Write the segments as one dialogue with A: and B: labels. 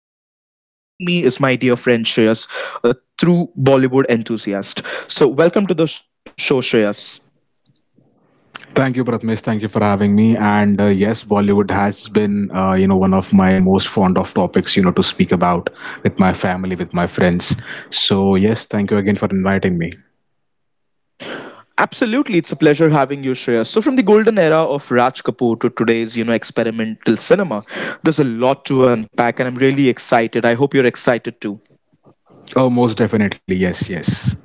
A: Bollywood movies. So, joining me is my dear friend Shreyas, a true Bollywood enthusiast. So, welcome to the show, Shreyas.
B: Thank you, Pratmesh. Thank you for having me. And yes, Bollywood has been, one of my most fond of topics, to speak about with my family, with my friends. So yes, thank you again for inviting me.
A: Absolutely, it's a pleasure having you, Shreya. So, from the golden era of Raj Kapoor to today's, you know, experimental cinema, there's a lot to unpack, and I'm really excited. I hope you're excited too.
B: Oh, most definitely. Yes, yes.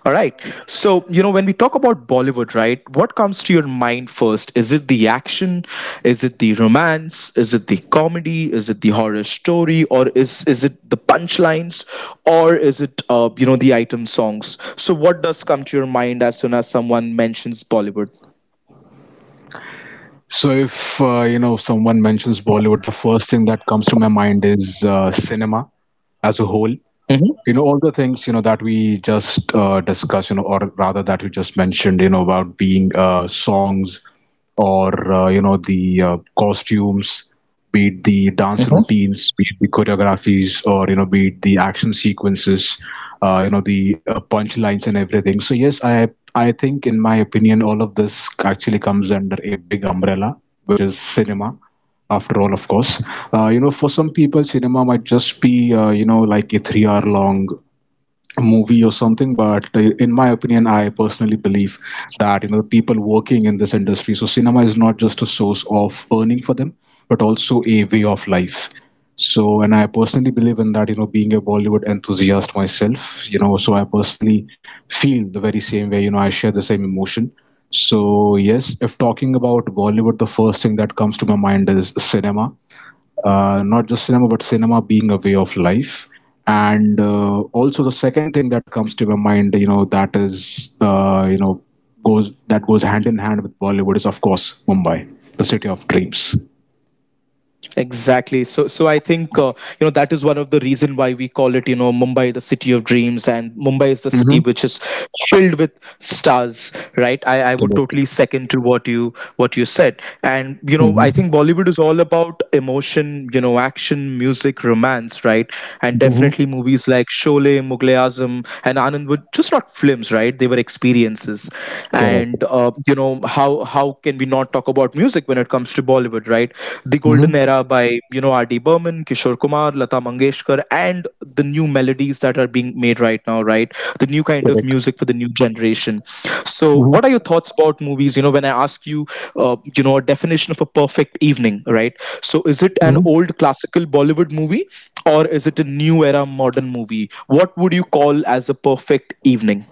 A: All right. So, you know, when we talk about Bollywood, right, what comes to your mind first? Is it the action? Is it the romance? Is it the comedy? Is it the horror story? Or is it the punchlines? Or is it, you know, the item songs? So, what does come to your mind as soon as someone mentions Bollywood?
B: So if someone mentions Bollywood, the first thing that comes to my mind is cinema as a whole.
A: Mm-hmm.
B: All the things that we just discussed, or rather that you just mentioned, about being songs, or the costumes, be it the dance
A: Mm-hmm.
B: routines, be it the choreographies, or be it the action sequences, the punchlines and everything. So yes, I think, in my opinion, all of this actually comes under a big umbrella, which is cinema, after all. Of course, for some people cinema might just be like a 3-hour long movie or something. But in my opinion, I personally believe that the people working in this industry, so cinema is not just a source of earning for them, but also a way of life. So, and I personally believe in that, being a Bollywood enthusiast myself, so I personally feel the very same way, I share the same emotion. So yes, if talking about Bollywood, the first thing that comes to my mind is cinema, not just cinema, but cinema being a way of life. And also the second thing that comes to my mind, that is, goes, that goes hand in hand with Bollywood, is of course Mumbai, the city of dreams.
A: Exactly. So, so I think you know that is one of the reason why we call it, you know, Mumbai the city of dreams, and Mumbai is the city
B: Mm-hmm.
A: which is filled with stars, right? I would
B: Correct.
A: totally second to what you said, and you know I
B: Mm-hmm.
A: think Bollywood is all about emotion, you know, action, music, romance, right? And
B: Mm-hmm.
A: definitely movies like Sholay, Mughal e Azam, and Anand were just not films, right? They were experiences, and
B: Correct.
A: you know how can we not talk about music when it comes to Bollywood, right? The golden
B: Mm-hmm.
A: era by, you know, R.D. Burman, Kishore Kumar, Lata Mangeshkar, and the new melodies that are being made right now, right? The new kind of
B: Correct.
A: music for the new generation. So, what are your
B: Mm-hmm.
A: thoughts about movies? You know, when I ask you, you know, a definition of a perfect evening, right? So, is it an old classical Bollywood movie, or is it a new era modern movie? What would you call as a perfect evening?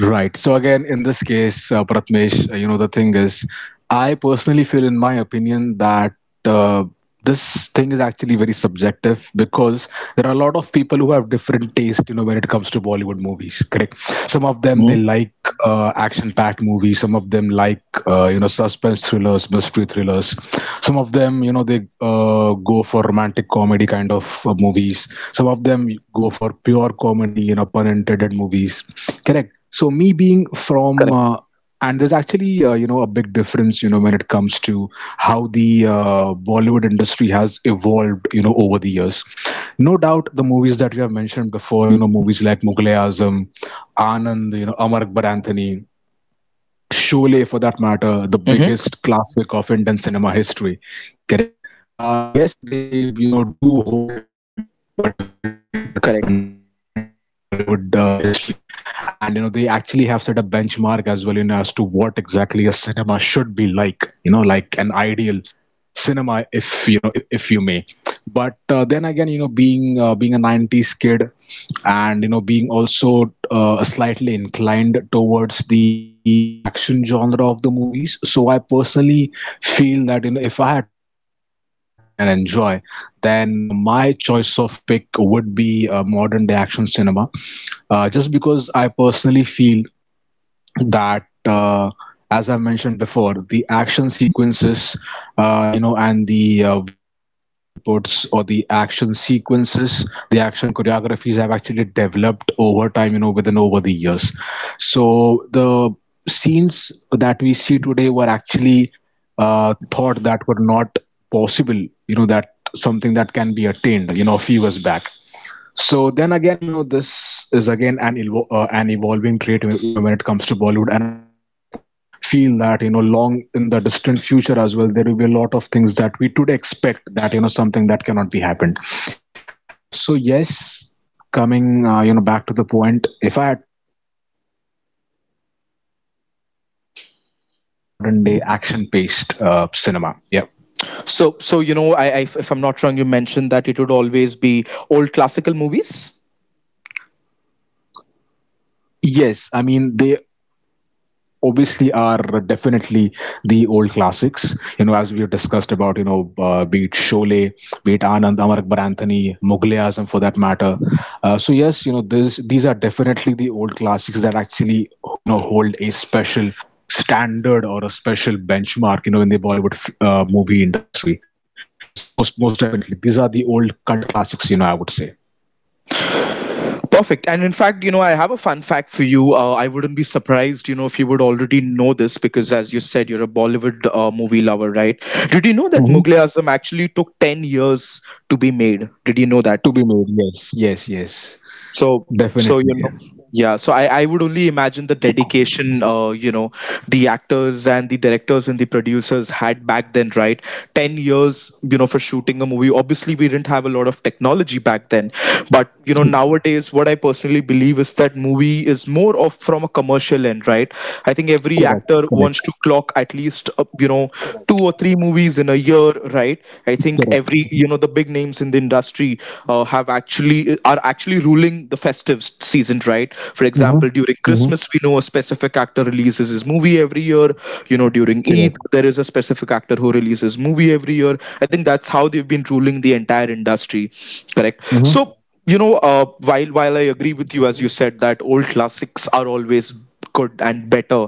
B: Right. So again, in this case, Pratmesh, the thing is, I personally feel, in my opinion, that uh, this thing is actually very subjective, because there are a lot of people who have different taste, when it comes to Bollywood movies. Correct. Some of
A: Mhm.
B: them they like action-packed movies. Some of them like suspense thrillers, mystery thrillers. Some of them, they go for romantic comedy kind of movies. Some of them go for pure comedy, pun intended movies. Correct. So me being
A: Correct.
B: from and there's actually a big difference when it comes to how the Bollywood industry has evolved over the years. No doubt the movies that you have mentioned before, movies like Mughlay Azam, Anand, Amar Akbar Anthony, Sholay,
A: Hmm.
B: for that matter, the biggest classic of Indian cinema history, correct? Yes, they
A: Correct.
B: do hold a different place or a different stand in the Bollywood history, and they actually have set a benchmark as well, as to what exactly a cinema should be like, like an ideal cinema, if you may. But then again, being a 90s kid, and being also slightly inclined towards the action genre of the movies, so I personally feel that if I had to sit back one evening and enjoy, then my choice of pick would be modern day action cinema, just because I personally feel that, as I mentioned before, the action sequences, and the VFX, or the inputs, or the action sequences, the action choreographies have actually developed over time, within, over the years. So the scenes that we see today were actually thought that were not possible, that something that can be attained, a few years back. So then again, this is again an evolving trait, when it comes to Bollywood. And I personally feel that, long in the distant future as well, there will be a lot of things that we today expect, that something that cannot be happened. So yes, coming back to the point, if I had to sit back and if I had to enjoy my evening, then I would go for a modern day action paced cinema. Yeah.
A: So, so you know, I if I'm not wrong, you mentioned that it would always be old classical movies.
B: Yes, I mean they obviously are definitely the old classics, as we've discussed about, be it Sholay, be it Anand, Amar Akbar Anthony, Mughal-e Azam, for that matter. So yes, you know this these are definitely the old classics that actually, who hold a special standard or a special benchmark, in the Bollywood movie industry. So yes, most definitely these are the old cult classics, I would say.
A: Perfect. And in fact, you know, I have a fun fact for you. I wouldn't be surprised, you know, if you would already know this because, as you said, you're a Bollywood movie lover, right? Did you know that
B: Mhm.
A: Mughal Azam actually took 10 years to be made? Did you know that?
B: To be made, yes, yes, yes.
A: So, so you
B: Definitely.
A: know, yeah. So I would only imagine the dedication, you know, the actors and the directors and the producers had back then, right? 10 years, you know, for shooting a movie. Obviously, we didn't have a lot of technology back then, but you know, nowadays, what I personally believe is that movie is more of from a commercial end, right? I think every
B: Correct,
A: actor
B: correct,
A: wants to clock at least, you know, two or three movies in a year, right? I think
B: correct.
A: every you know the big names in the industry have actually are actually ruling the festive season, right? For example,
B: Mm-hmm.
A: during
B: Mm-hmm.
A: Christmas we know a specific actor releases his movie every year. You know, during Eid
B: Correct.
A: there is a specific actor who releases movie every year. I think that's how they've been ruling the entire industry, correct?
B: Mm-hmm.
A: So, you know, while I agree with you, as you said that old classics are always good and better,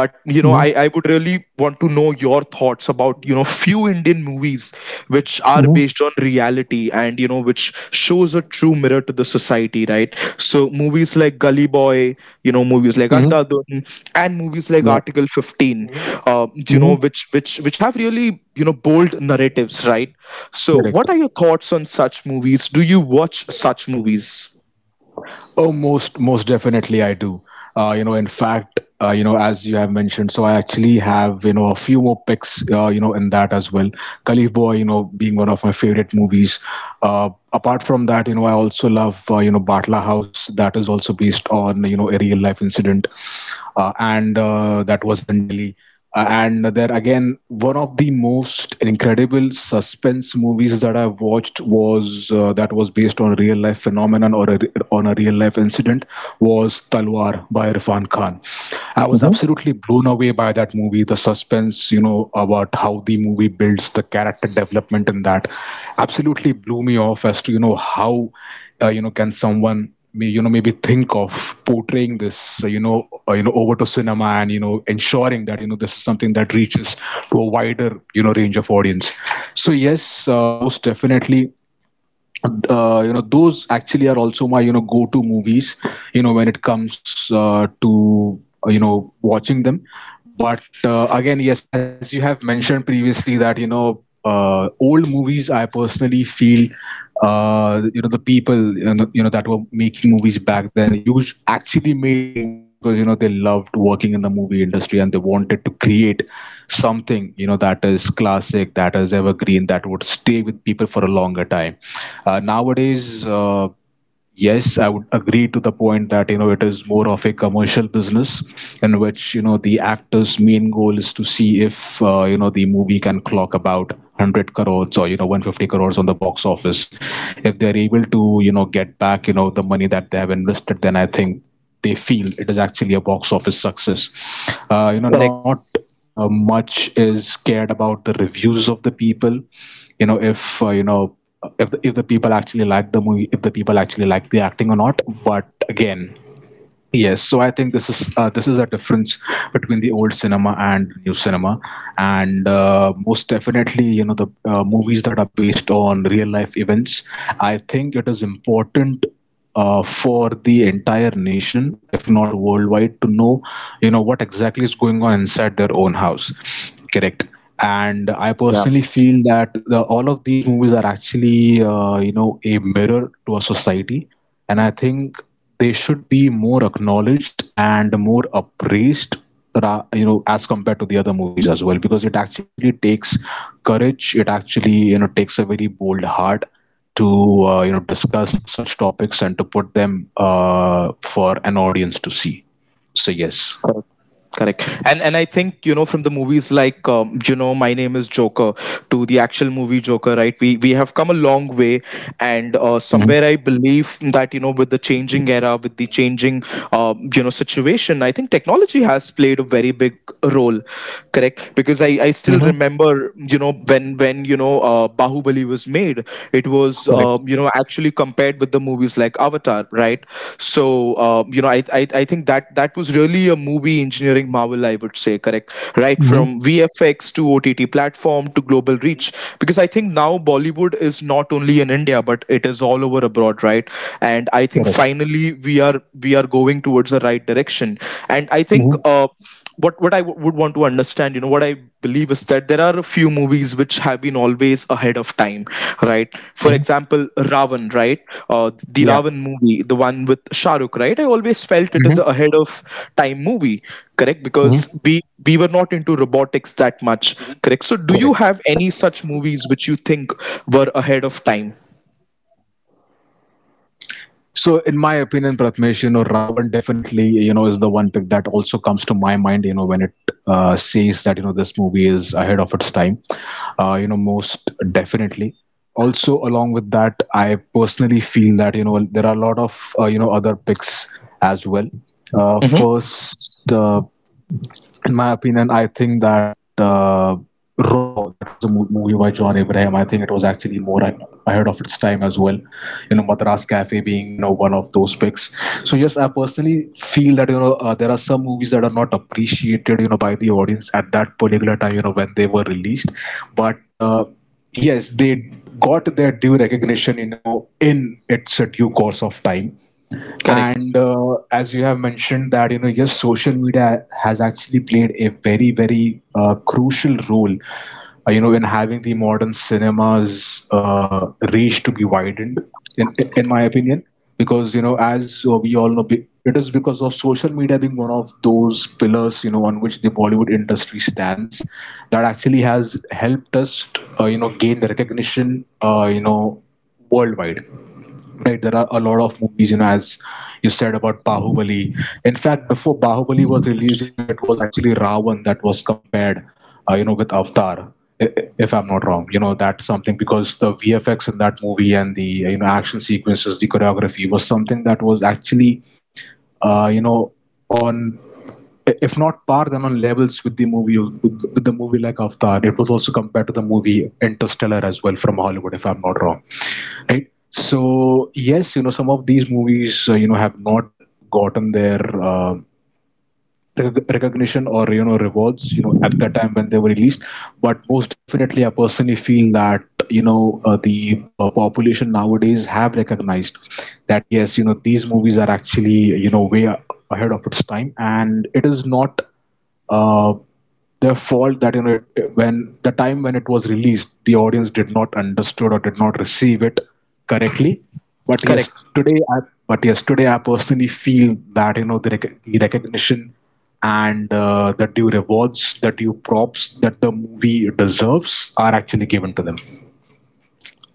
A: but you know I
B: Mm-hmm.
A: would really want to know your thoughts about you know few Indian movies which are based
B: Mm-hmm.
A: on reality, and you know which shows a true mirror to the society, right? So movies like Gully Boy, you know, movies like
B: Mm-hmm.
A: Andhadhun, and movies like
B: Yeah.
A: Article 15. Mhm. You know
B: Mm-hmm.
A: which have really, you know, bold narratives, right? So
B: Correct.
A: what are your thoughts on such movies? Do you watch such movies?
B: Oh, most definitely I do. In fact, as you have mentioned, so I actually have a few more picks, in that as well. Khalif Boy, being one of my favorite movies. Apart from that, I also love, Batla House, that is also based on a real life incident, and that was in Delhi. And there again, one of the most incredible suspense movies that I've watched, was that was based on a real life phenomenon, on a real life incident, was Talwar by Irfan Khan. I was
A: Mhm.
B: absolutely blown away by that movie. The suspense, about how the movie builds the character development in that, absolutely blew me off, as to how, can someone maybe think of portraying this, over to cinema, and ensuring that this is something that reaches to a wider range of audience. So yes, most definitely, those actually are also my go-to movies, when it comes to, watching them. But again, yes, as you have mentioned previously, that old movies, I personally feel the people, that were making movies back then, used actually made movies because they loved working in the movie industry and they wanted to create something, that is classic, that is evergreen, that would stay with people for a longer time. Nowadays, yes, I would agree to the point that it is more of a commercial business, in which the actor's main goal is to see if the movie can clock about 100 crores or 150 crores on the box office. If they're able to get back the money that they have invested, then I think they feel it is actually a box office success. Uh, you know,
A: Correct.
B: not much is cared about the reviews of the people, if if the people actually like the movie, if the people actually like the acting or not. But again, yes, so I think this is a difference between the old cinema and new cinema, and most definitely, the movies that are based on real life events. I think it is important for the entire nation, if not worldwide, to know, what exactly is going on inside their own house. Correct. And I personally feel that all of these movies are actually, a mirror to a society, and I think they should be more acknowledged and more appraised, as compared to the other movies as well, because it actually takes courage. It actually, takes a very bold heart to discuss such topics and to put them, for an audience to see. So yes.
A: Correct. Correct. And I think, you know, from the movies like you know, My Name Is Joker to the actual movie Joker, right? We have come a long way, and
B: Hmm.
A: somewhere I believe that you know with the changing era, with the changing you know situation, I think technology has played a very big role. Correct, because I
B: Hmm.
A: still remember, you know, when you know Bahubali was made, it was
B: Correct.
A: you know actually compared with the movies like Avatar, right? So you know, I think that that was really a movie engineering marvel, I would say, correct? Right
B: Hmm.
A: from VFX to OTT platform to global reach, because I think now Bollywood is not only in India but it is all over abroad, right? And I think
B: Correct.
A: finally we are we are going towards the right direction, and I
B: Hmm.
A: think. What I would want to understand, you know, what I believe is that there are a few movies which have been always ahead of time, right? For
B: Hmm.
A: example, Ravan, right? The
B: Yeah.
A: Ravan movie, the one with Shah Rukh, right? I always felt it is a
B: Hmm.
A: ahead of time movie, correct?
B: Hmm.
A: Because we were not into robotics that much, correct? So, do you
B: Correct.
A: have
B: Correct.
A: any such movies which you think were ahead of time?
B: So, in my opinion, Pratmesh, Ravan definitely, is the one pick that also comes to my mind, when it says that, this movie is ahead of its time, most definitely. Also, along with that, I personally feel that, there are a lot of, other picks as well. Uh,
A: Mm-hmm.
B: first, uh, in my opinion, I think that uh, Raw, that was a movie by John Abraham. I think it was actually ahead of its time as well, Madras Cafe being one of those picks. So yes, I personally feel that there are some movies that are not appreciated, by the audience at that particular time, when they were released, but yes, they got their due recognition, in its due course of time.
A: Correct,
B: And As you have mentioned, that yes, social media has actually played a very very crucial role, in having the modern cinema's reach to be widened, in my opinion, because, you know, as we all know, it is because of social media being one of those pillars, you know, on which the Bollywood industry stands, that actually has helped us, gain the recognition, worldwide. Right, there are a lot of movies, you know, as you said about Bahubali. In fact, before Bahubali was released, you know, it was actually Ravan that was compared, with Avatar, if I'm not wrong. You know, that's something because the VFX in that movie and the, you know, action sequences, the choreography was something that was actually, uh, you know, on, if not par, then on levels with the movie, with the movie like Avatar. It was also compared to the movie Interstellar as well from Hollywood, if I'm not wrong. Right. So yes, you know, some of these movies, have not gotten their recognition or, you know, rewards, you know, at the time when they were released. But most definitely, I personally feel that you know the population nowadays have recognized that yes, you know, these movies are actually, you know, ahead of its time, and it is not uh, their fault that, you know, it, when the time when it was released, the audience did not understood or did not receive it correctly. but yes
A: correct.
B: today i but yes, today I personally feel that, you know, the recognition and the due rewards, the due props that the movie deserves, are actually given to them.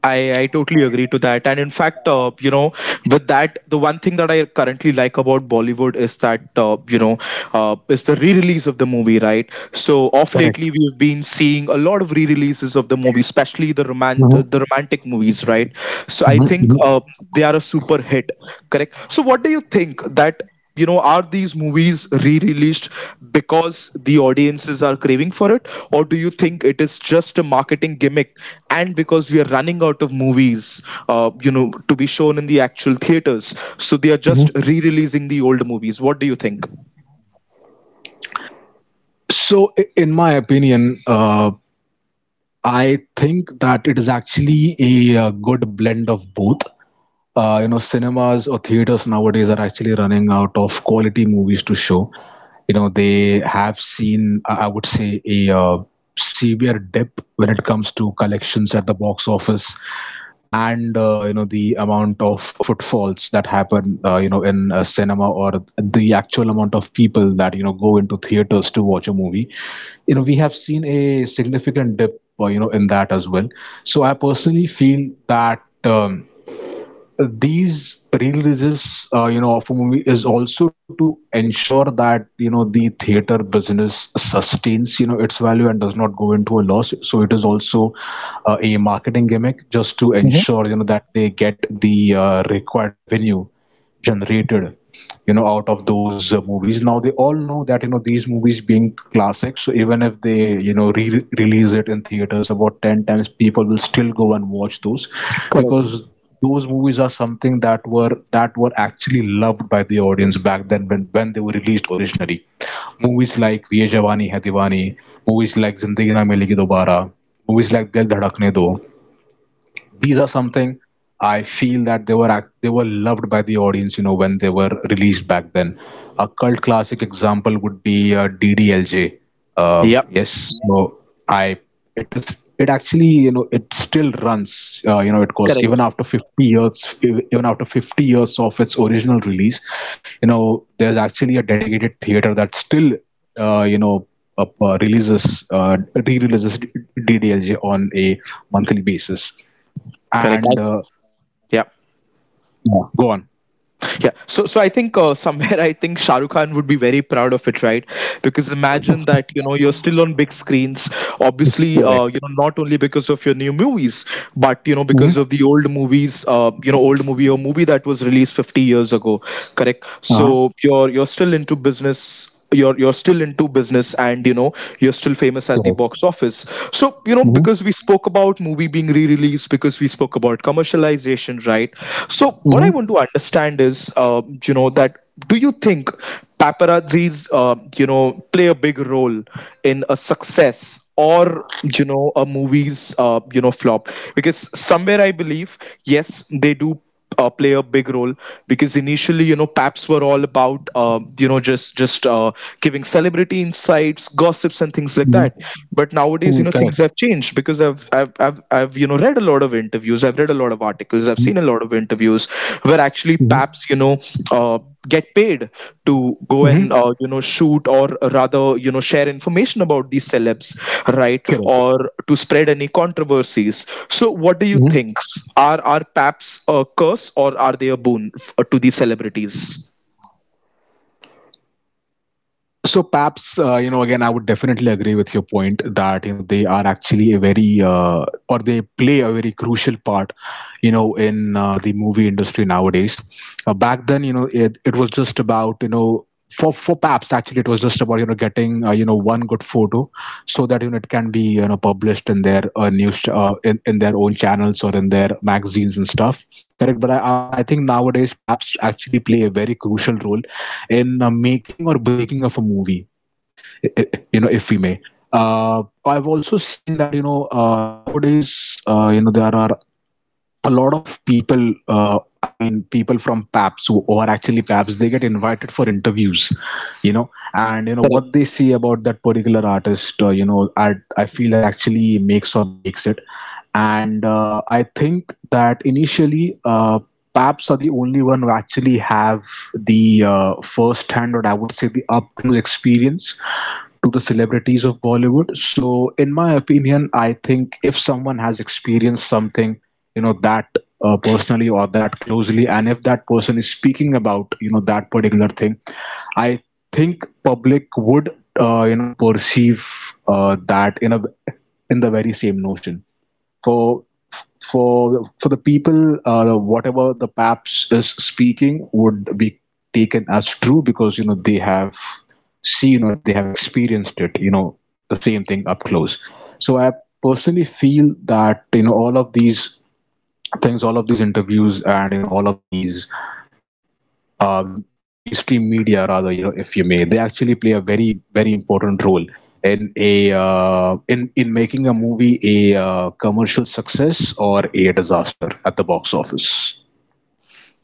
A: I totally agree to that. And in fact, you know, with that, the one thing that I currently like about Bollywood is that, you know, is the re-release of the movie, right? So off
B: Correct.
A: lately, we've been seeing a lot of re-releases of the movie, especially the romant-
B: Mhm,
A: uh, the romantic movies, right? So I
B: mhm,
A: think
B: mhm,
A: they are a super hit, correct? So what do you think, that you know are these movies re-released because the audiences are craving for it, or do you think it is just a marketing gimmick and because we are running out of movies, you know, to be shown in the actual theaters, so they are
B: mhm.
A: just re-releasing the old movies? What do you think?
B: In my opinion, I think that it is actually a, uh, good blend of both. Cinemas or theaters nowadays are actually running out of quality movies to show. You know, they have seen, I would say, a severe dip when it comes to collections at the box office, and you know, the amount of footfalls that happen, in a cinema, or the actual amount of people that, you know, go into theaters to watch a movie, you know, we have seen a significant dip, in that as well. So I personally feel that these releases, of a movie, is also to ensure that, you know, the theater business sustains, you know, its value and does not go into a loss. So it is also a marketing gimmick just to
A: Hmm.
B: ensure, you know, that they get the required revenue generated, you know, out of those movies. Now they all know that, you know, these movies being classics, so even if they, you know, re-release it in theaters about 10 times, people will still go and watch those,
A: Correct.
B: because those movies are something that were actually loved by the audience back then, when they were released originally. Movies like ye jawani hai diwani, movies like zindagi na milegi dobara, movies like dil dhadakne do, these are something I feel that they were loved by the audience, you know, when they were released back then. A cult classic example would be ddlj. Um
A: Yep.
B: yes. so I it is It actually, you know, it still runs, you know, it goes even
A: Correct,
B: after 50 years, even after 50 years of its original release. You know, there's actually a dedicated theater that still, you know up, releases uh, re-releases ddlj on a monthly basis.
A: correct. I.
B: And
A: Yeah.
B: Yeah, go on.
A: Yeah. So so I think somewhere I think Shah Rukh Khan would be very proud of it, right? Because imagine that you know you're still on big screens. Obviously, you
B: Correct.
A: know, not only because of your new movies, but you know because
B: Hmm.
A: of the old movies. You know old movie or movie that was released 50 years ago. Correct.
B: Uh-huh.
A: So you're still into business, you're still into business, and you know you're still famous at the
B: Correct.
A: box office. So you know,
B: Hmm.
A: because we spoke about movie being re-released, because we spoke about commercialization, right? So what I
B: Hmm.
A: want to understand is, you know that, do you think paparazzis, you know, play a big role in a success or, you know, a movie's, you know, flop? Because somewhere I believe yes they do play a big role, because initially you know paps were all about you know just giving celebrity insights, gossips and things like
B: Hmm.
A: that. But nowadays, you know, things
B: Correct.
A: have changed, because I've you know read a lot of interviews, I've read a lot of articles, I've seen a lot of interviews where actually
B: Hmm.
A: paps, you know, uh, get paid to go and
B: Hmm.
A: you know shoot, or rather, you know, share information about these celebs, right,
B: Correct.
A: or to spread any controversies. So what do you think,
B: Mm-hmm.
A: are paps a curse, or are they a boon to these celebrities?
B: So Paps, you know, again, I would definitely agree with your point that, you know, they are actually a very or they play a very crucial part, you know, in the movie industry nowadays. Back then, you know, it was just about, you know, for Paps, actually it was just about, you know, getting one good photo, so that, you know, it can be, you know, published in their in their own channels or in their magazines and stuff. Correct, but I think nowadays Paps actually play a very crucial role in making or breaking of a movie. You know, if we may, uh, I've also seen that, nowadays, you know, there are a lot of people, I mean people from paps who are actually paps, they get invited for interviews, you know, and you know what they
A: Correct.
B: say about that particular artist, you know, I feel that actually makes or breaks it. And I think that initially, paps are the only one who actually have the first hand, or I would say, the up close experience to the celebrities of bollywood. So in my opinion, I think if someone has experienced something, you know, that personally, or that closely, and if that person is speaking about, you know, that particular thing, I think public would, perceive, that in a, in the very same notion, for for the people, whatever the paps is speaking would be taken as true, because you know they have seen, or they have experienced it, you know, the same thing up close. So I personally feel that, you know, all of these things, all of these interviews, and you know, all of these, uh, the the mainstream media, rather, you know, if you may, they actually play a very very important role in a, in in making a movie a commercial success or a disaster at the box office.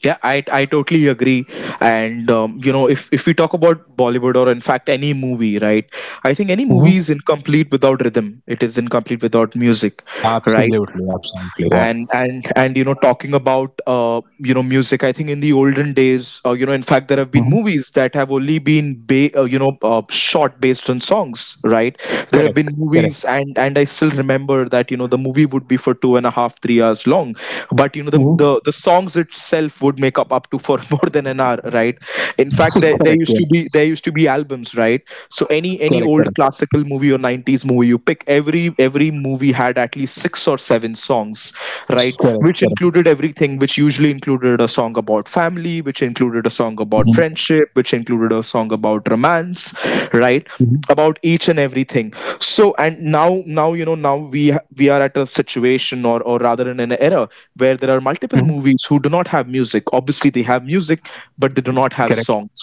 A: Yeah, I totally agree. And you know, if we talk about Bollywood, or in fact any movie, right, I think any
B: Hmm.
A: movie is incomplete without rhythm, it is incomplete without music, right?
B: Absolutely, absolutely. Yeah.
A: And and you know, talking about, you know, music, I think in the olden days, you know, in fact there have been
B: Hmm.
A: movies that have only been you know shot based on songs, right? There have
B: Correct,
A: been
B: correct.
A: movies, and I still remember that you know the movie would be for two and a half, 3 hours long, but you know the
B: Hmm.
A: the, the songs itself would make up up to for more than an hour, right? In fact, there
B: Correct,
A: used to be, there used to be albums, right? So any
B: correct,
A: old
B: correct,
A: classical movie or 90s movie you pick, every movie had at least 6 or 7 songs, right,
B: correct,
A: which
B: correct.
A: included everything, which usually included a song about family, which included a song about
B: Hmm.
A: friendship, which included a song about romance, right, about each and everything. So and now, now you know now we are at a situation, or rather in an era where there are multiple
B: Hmm.
A: movies who do not have music. Obviously they have music, but they do not have
B: Correct.
A: songs.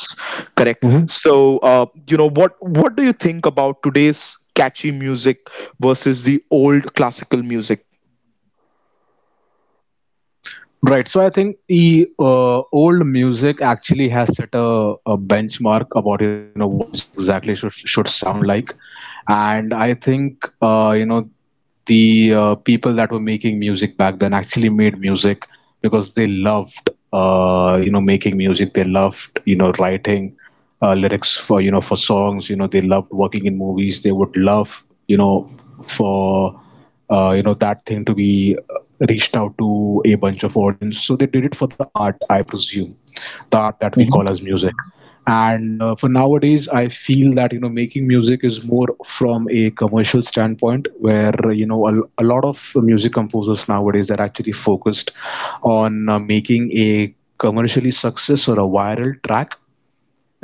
A: Correct. So, what do you think about today's catchy music versus the old classical music?
B: Right. So I think the old music actually has set a benchmark about, you know, what music exactly should sound like. And I think, you know the people that were making music back then actually made music because they loved, you know, making music. They loved, you know, writing lyrics for, you know, for songs. You know, they loved working in movies. They would love, you know, for you know, that thing to be reached out to a bunch of audience. So they did it for the art, I presume. The art that we call
A: Hmm,
B: as music. And for nowadays, I feel that, you know, making music is more from a commercial standpoint, where, a lot of music composers nowadays are actually focused on, making a commercially success or a viral track,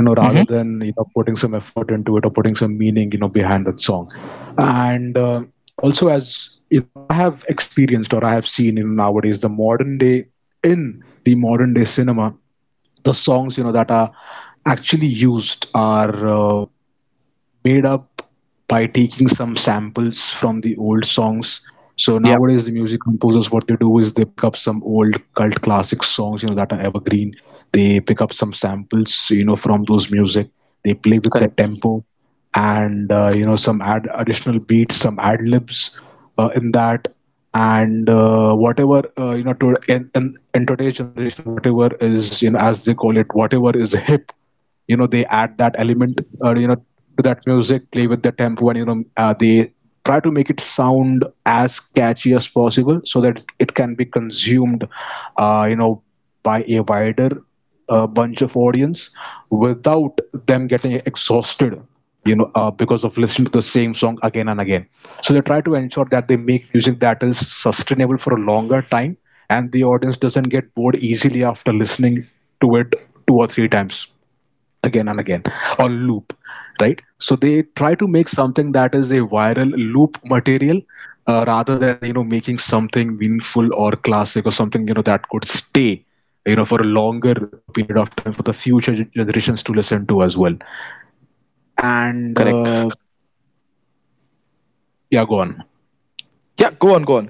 B: you know, rather
A: hmm.
B: than, you know, putting some effort into it, or putting some meaning, you know, behind that song. And also, as you know, I have experienced, or I have seen, you know, nowadays the modern day, in the modern day cinema, the songs, you know, that are actually used are made up by taking some samples from the old songs. So nowadays,
A: Yeah,
B: the music composers, what they do is they pick up some old cult classic songs, you know, that are evergreen. They pick up some samples, you know, from those music. They play with the
A: correct.
B: tempo and, you know, some additional beats, some ad libs in that. And whatever, you know, in today's generation, whatever is, you know, as they call it, whatever is hip. They add that element, you know, to that music, play with the tempo, and they try to make it sound as catchy as possible so that it can be consumed, uh, you know by a wider, bunch of audience, without them getting exhausted, because of listening to the same song again and again. So they try to ensure that they make music that is sustainable for a longer time and the audience doesn't get bored easily after listening to it two or three times again and again
A: Correct.
B: on loop, right? So they try to make something that is a viral loop material, rather than, you know, making something meaningful or classic or something, you know, that could stay, you know, for a longer a period of time for the future generations to listen to as well. And
A: Correct.
B: Yeah, go on.
A: Yeah, go on, go on.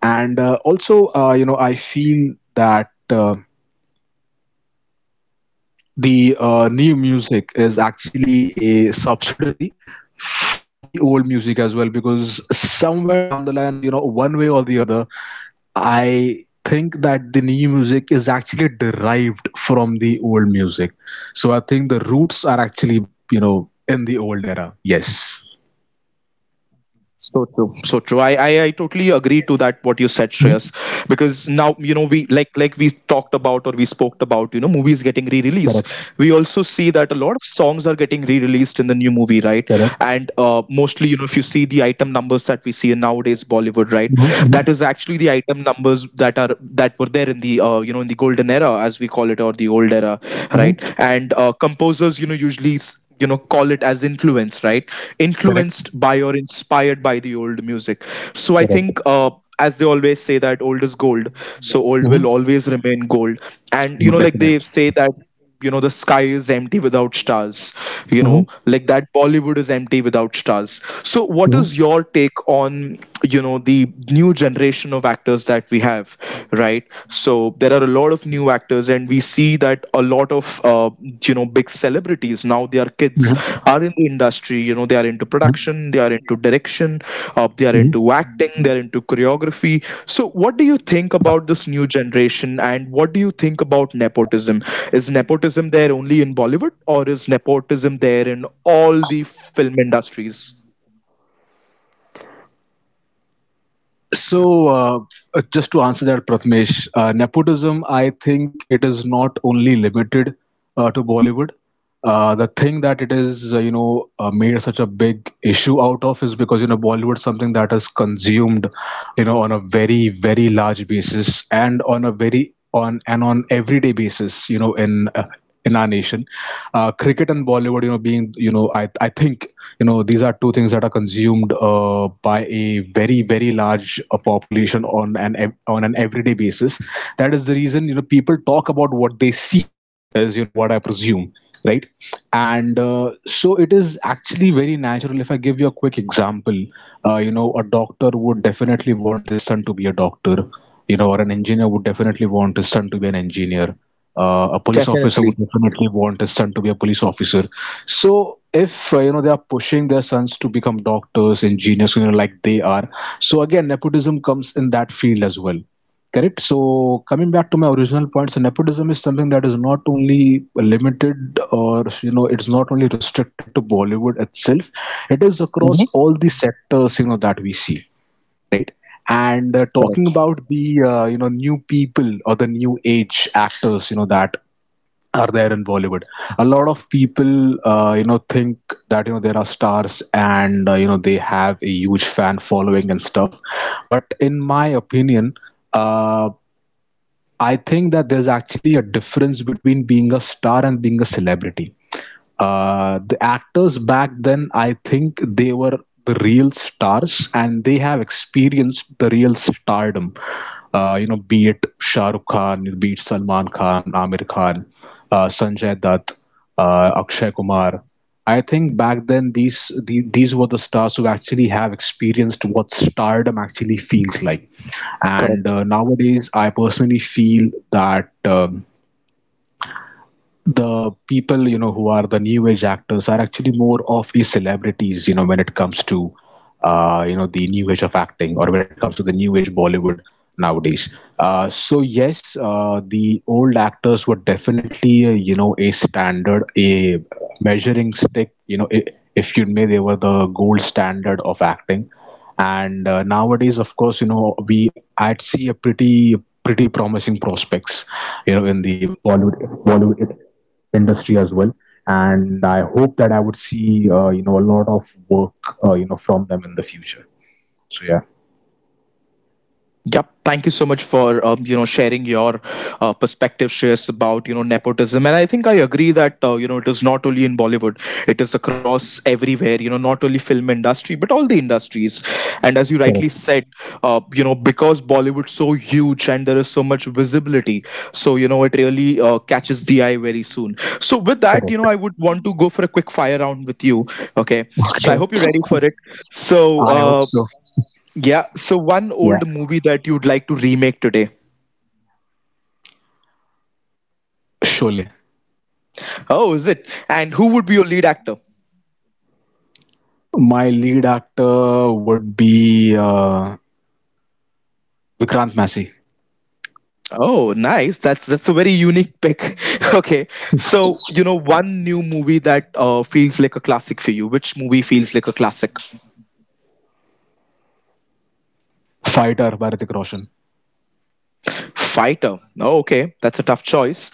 B: And also, you know, I feel that, the, new music is actually a subsidiary of the old music as well, because somewhere down the line, you know, one way or the other, I think that the new music is actually derived from the old music. So I think the roots are actually, you know, in the old era. Yes.
A: So true, so true. I totally agree to that what you said, Shreyas, because now you know we like we talked about or we spoke about movies getting re-released. We also
B: Correct,
A: see that a lot of songs are getting re-released in the new movie, right? And
B: correct.
A: mostly you know if you see the item numbers that we see in nowadays Bollywood, right?
B: Hmm,
A: That
B: hmm,
A: is actually the item numbers that were there in the in the golden era as we call it or the old era, right?
B: hmm.
A: And composers usually call it as influence, right?
B: Correct.
A: Influenced by or inspired by the old music. So I
B: Correct.
A: think, as they always say that old is gold, so old
B: Hmm.
A: will always remain gold. And you know like
B: Definitely.
A: they say that the sky is empty without stars. You
B: Mm-hmm,
A: know, like that Bollywood is empty without stars. So what
B: hmm,
A: is your take on the new generation of actors that we have, right? So there are a lot of new actors and we see that a lot of big celebrities now, their kids
B: hmm,
A: are in the industry. You know, they are into production, they are into direction, they are
B: hmm.
A: into acting, they are into choreography. So what do you think about this new generation, and what do you think about nepotism? Is nepotism there only in Bollywood, or is nepotism there in all the film industries?
B: So, uh, just to answer that, Prathamesh, nepotism, I think it is not only limited, to Bollywood. The thing that it is, you know, made such a big issue out of is because, you know, Bollywood is something that is consumed, you know, on a very, very large basis and on a very, on and on everyday basis, you know, in our nation. Cricket and Bollywood, you know, being, you know, I think, you know, these are two things that are consumed, by a very very large, population on an on an everyday basis. That is the reason, you know, people talk about what they see is, you know, what I presume, right? And so it is actually very natural. If I give you a quick example, you know, a doctor would definitely want his son to be a doctor, you know, or an engineer would definitely want his son to be an engineer, a police officer
A: Definitely.
B: would definitely want his son to be a police officer. So if, you know, they are pushing their sons to become doctors, engineers, you know, like they are, so again nepotism comes in that field as well. Correct. So coming back to my original point, so nepotism is something that is not only limited, or you know it's not only restricted to Bollywood itself, it is across
A: Mhm.
B: all the sectors, you know, that we see, right? And talking
A: Correct.
B: about the, you know, new people or the new age actors, you know, that are there in Bollywood. A lot of people, you know, think that, you know, there are stars and, you know, they have a huge fan following and stuff. But in my opinion, uh, I think that there's actually a difference between being a star and being a celebrity. The actors back then, I think they were the real stars and they have experienced the real stardom, you know, be it Shah Rukh Khan, be it Salman Khan, Amir Khan, Sanjay Dutt, Akshay Kumar. I think back then these were the stars who actually have experienced what stardom actually feels like. And nowadays I personally feel that, the people, you know, who are the new age actors are actually more of a celebrities, you know, when it comes to, you know, the new age of acting, or when it comes to the new age Bollywood nowadays. So yes, the old actors were definitely, you know, a standard, a measuring stick, you know, I, if you may, they were the gold standard of acting. And nowadays, of course, you know, we I'd see a pretty, pretty promising prospects, you know, in the Bollywood industry as well. And I hope that I would see, you know, a lot of work, you know, from them in the future. So yeah.
A: Yep. Thank you so much for sharing your perspective shares about nepotism, and I think I agree that you know it is not only in Bollywood, it is across everywhere. You know, not only film industry but all the industries. And as you rightly
B: Correct.
A: said, you know because Bollywood's so huge and there is so much visibility, so you know it really catches the eye very soon. So with that, you know,
B: Correct.
A: I would want to go for a quick fire round with you. Okay, so I
B: Okay.
A: hope you're ready for it. So.
B: I hope so.
A: Yeah, so one
B: Yeah.
A: old movie that you'd like to remake today.
B: Sholay.
A: Oh, is it? And who would be your lead actor?
B: My lead actor would be, Vikrant Massey.
A: Oh, nice. That's a very unique pick. Okay. So, you know, one new movie that feels like a classic for you. Which movie feels like a classic?
B: Fighter, Bharatik Roshan.
A: Fighter. Oh, okay, that's a tough choice.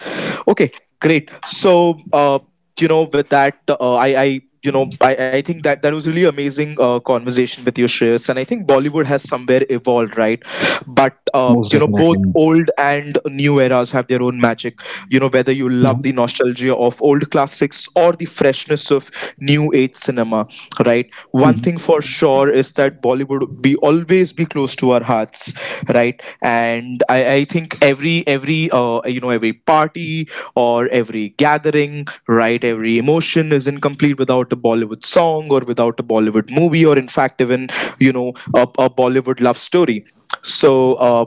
A: Okay, great. So, with that, I, you know, I think that that was really amazing conversation with you, Shreyas. And I think Bollywood has somewhere evolved, right? But
B: Most
A: you know, both
B: definitely.
A: old and new eras have their own magic. You know, whether you love the
B: Mhm.
A: nostalgia of old classics or the freshness of new age cinema, right? One thing for sure is that Bollywood be always be close to our hearts, right? And i
B: Yes,
A: i think
B: yes, most
A: every
B: definitely.
A: you know every party or every gathering, right? Every emotion is incomplete without a Bollywood song or without a Bollywood movie, or in fact even you know a Bollywood love story. So uh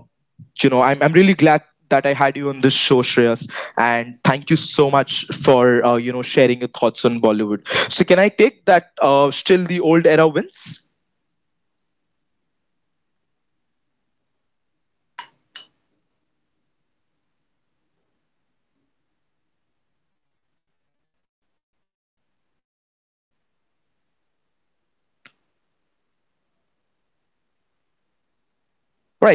A: you know, I'm really glad that I had you on this show, Shreyas, and thank you so much for you know sharing your thoughts on Bollywood. So can I take that? Still, the old era wins. Right. Thank you so much.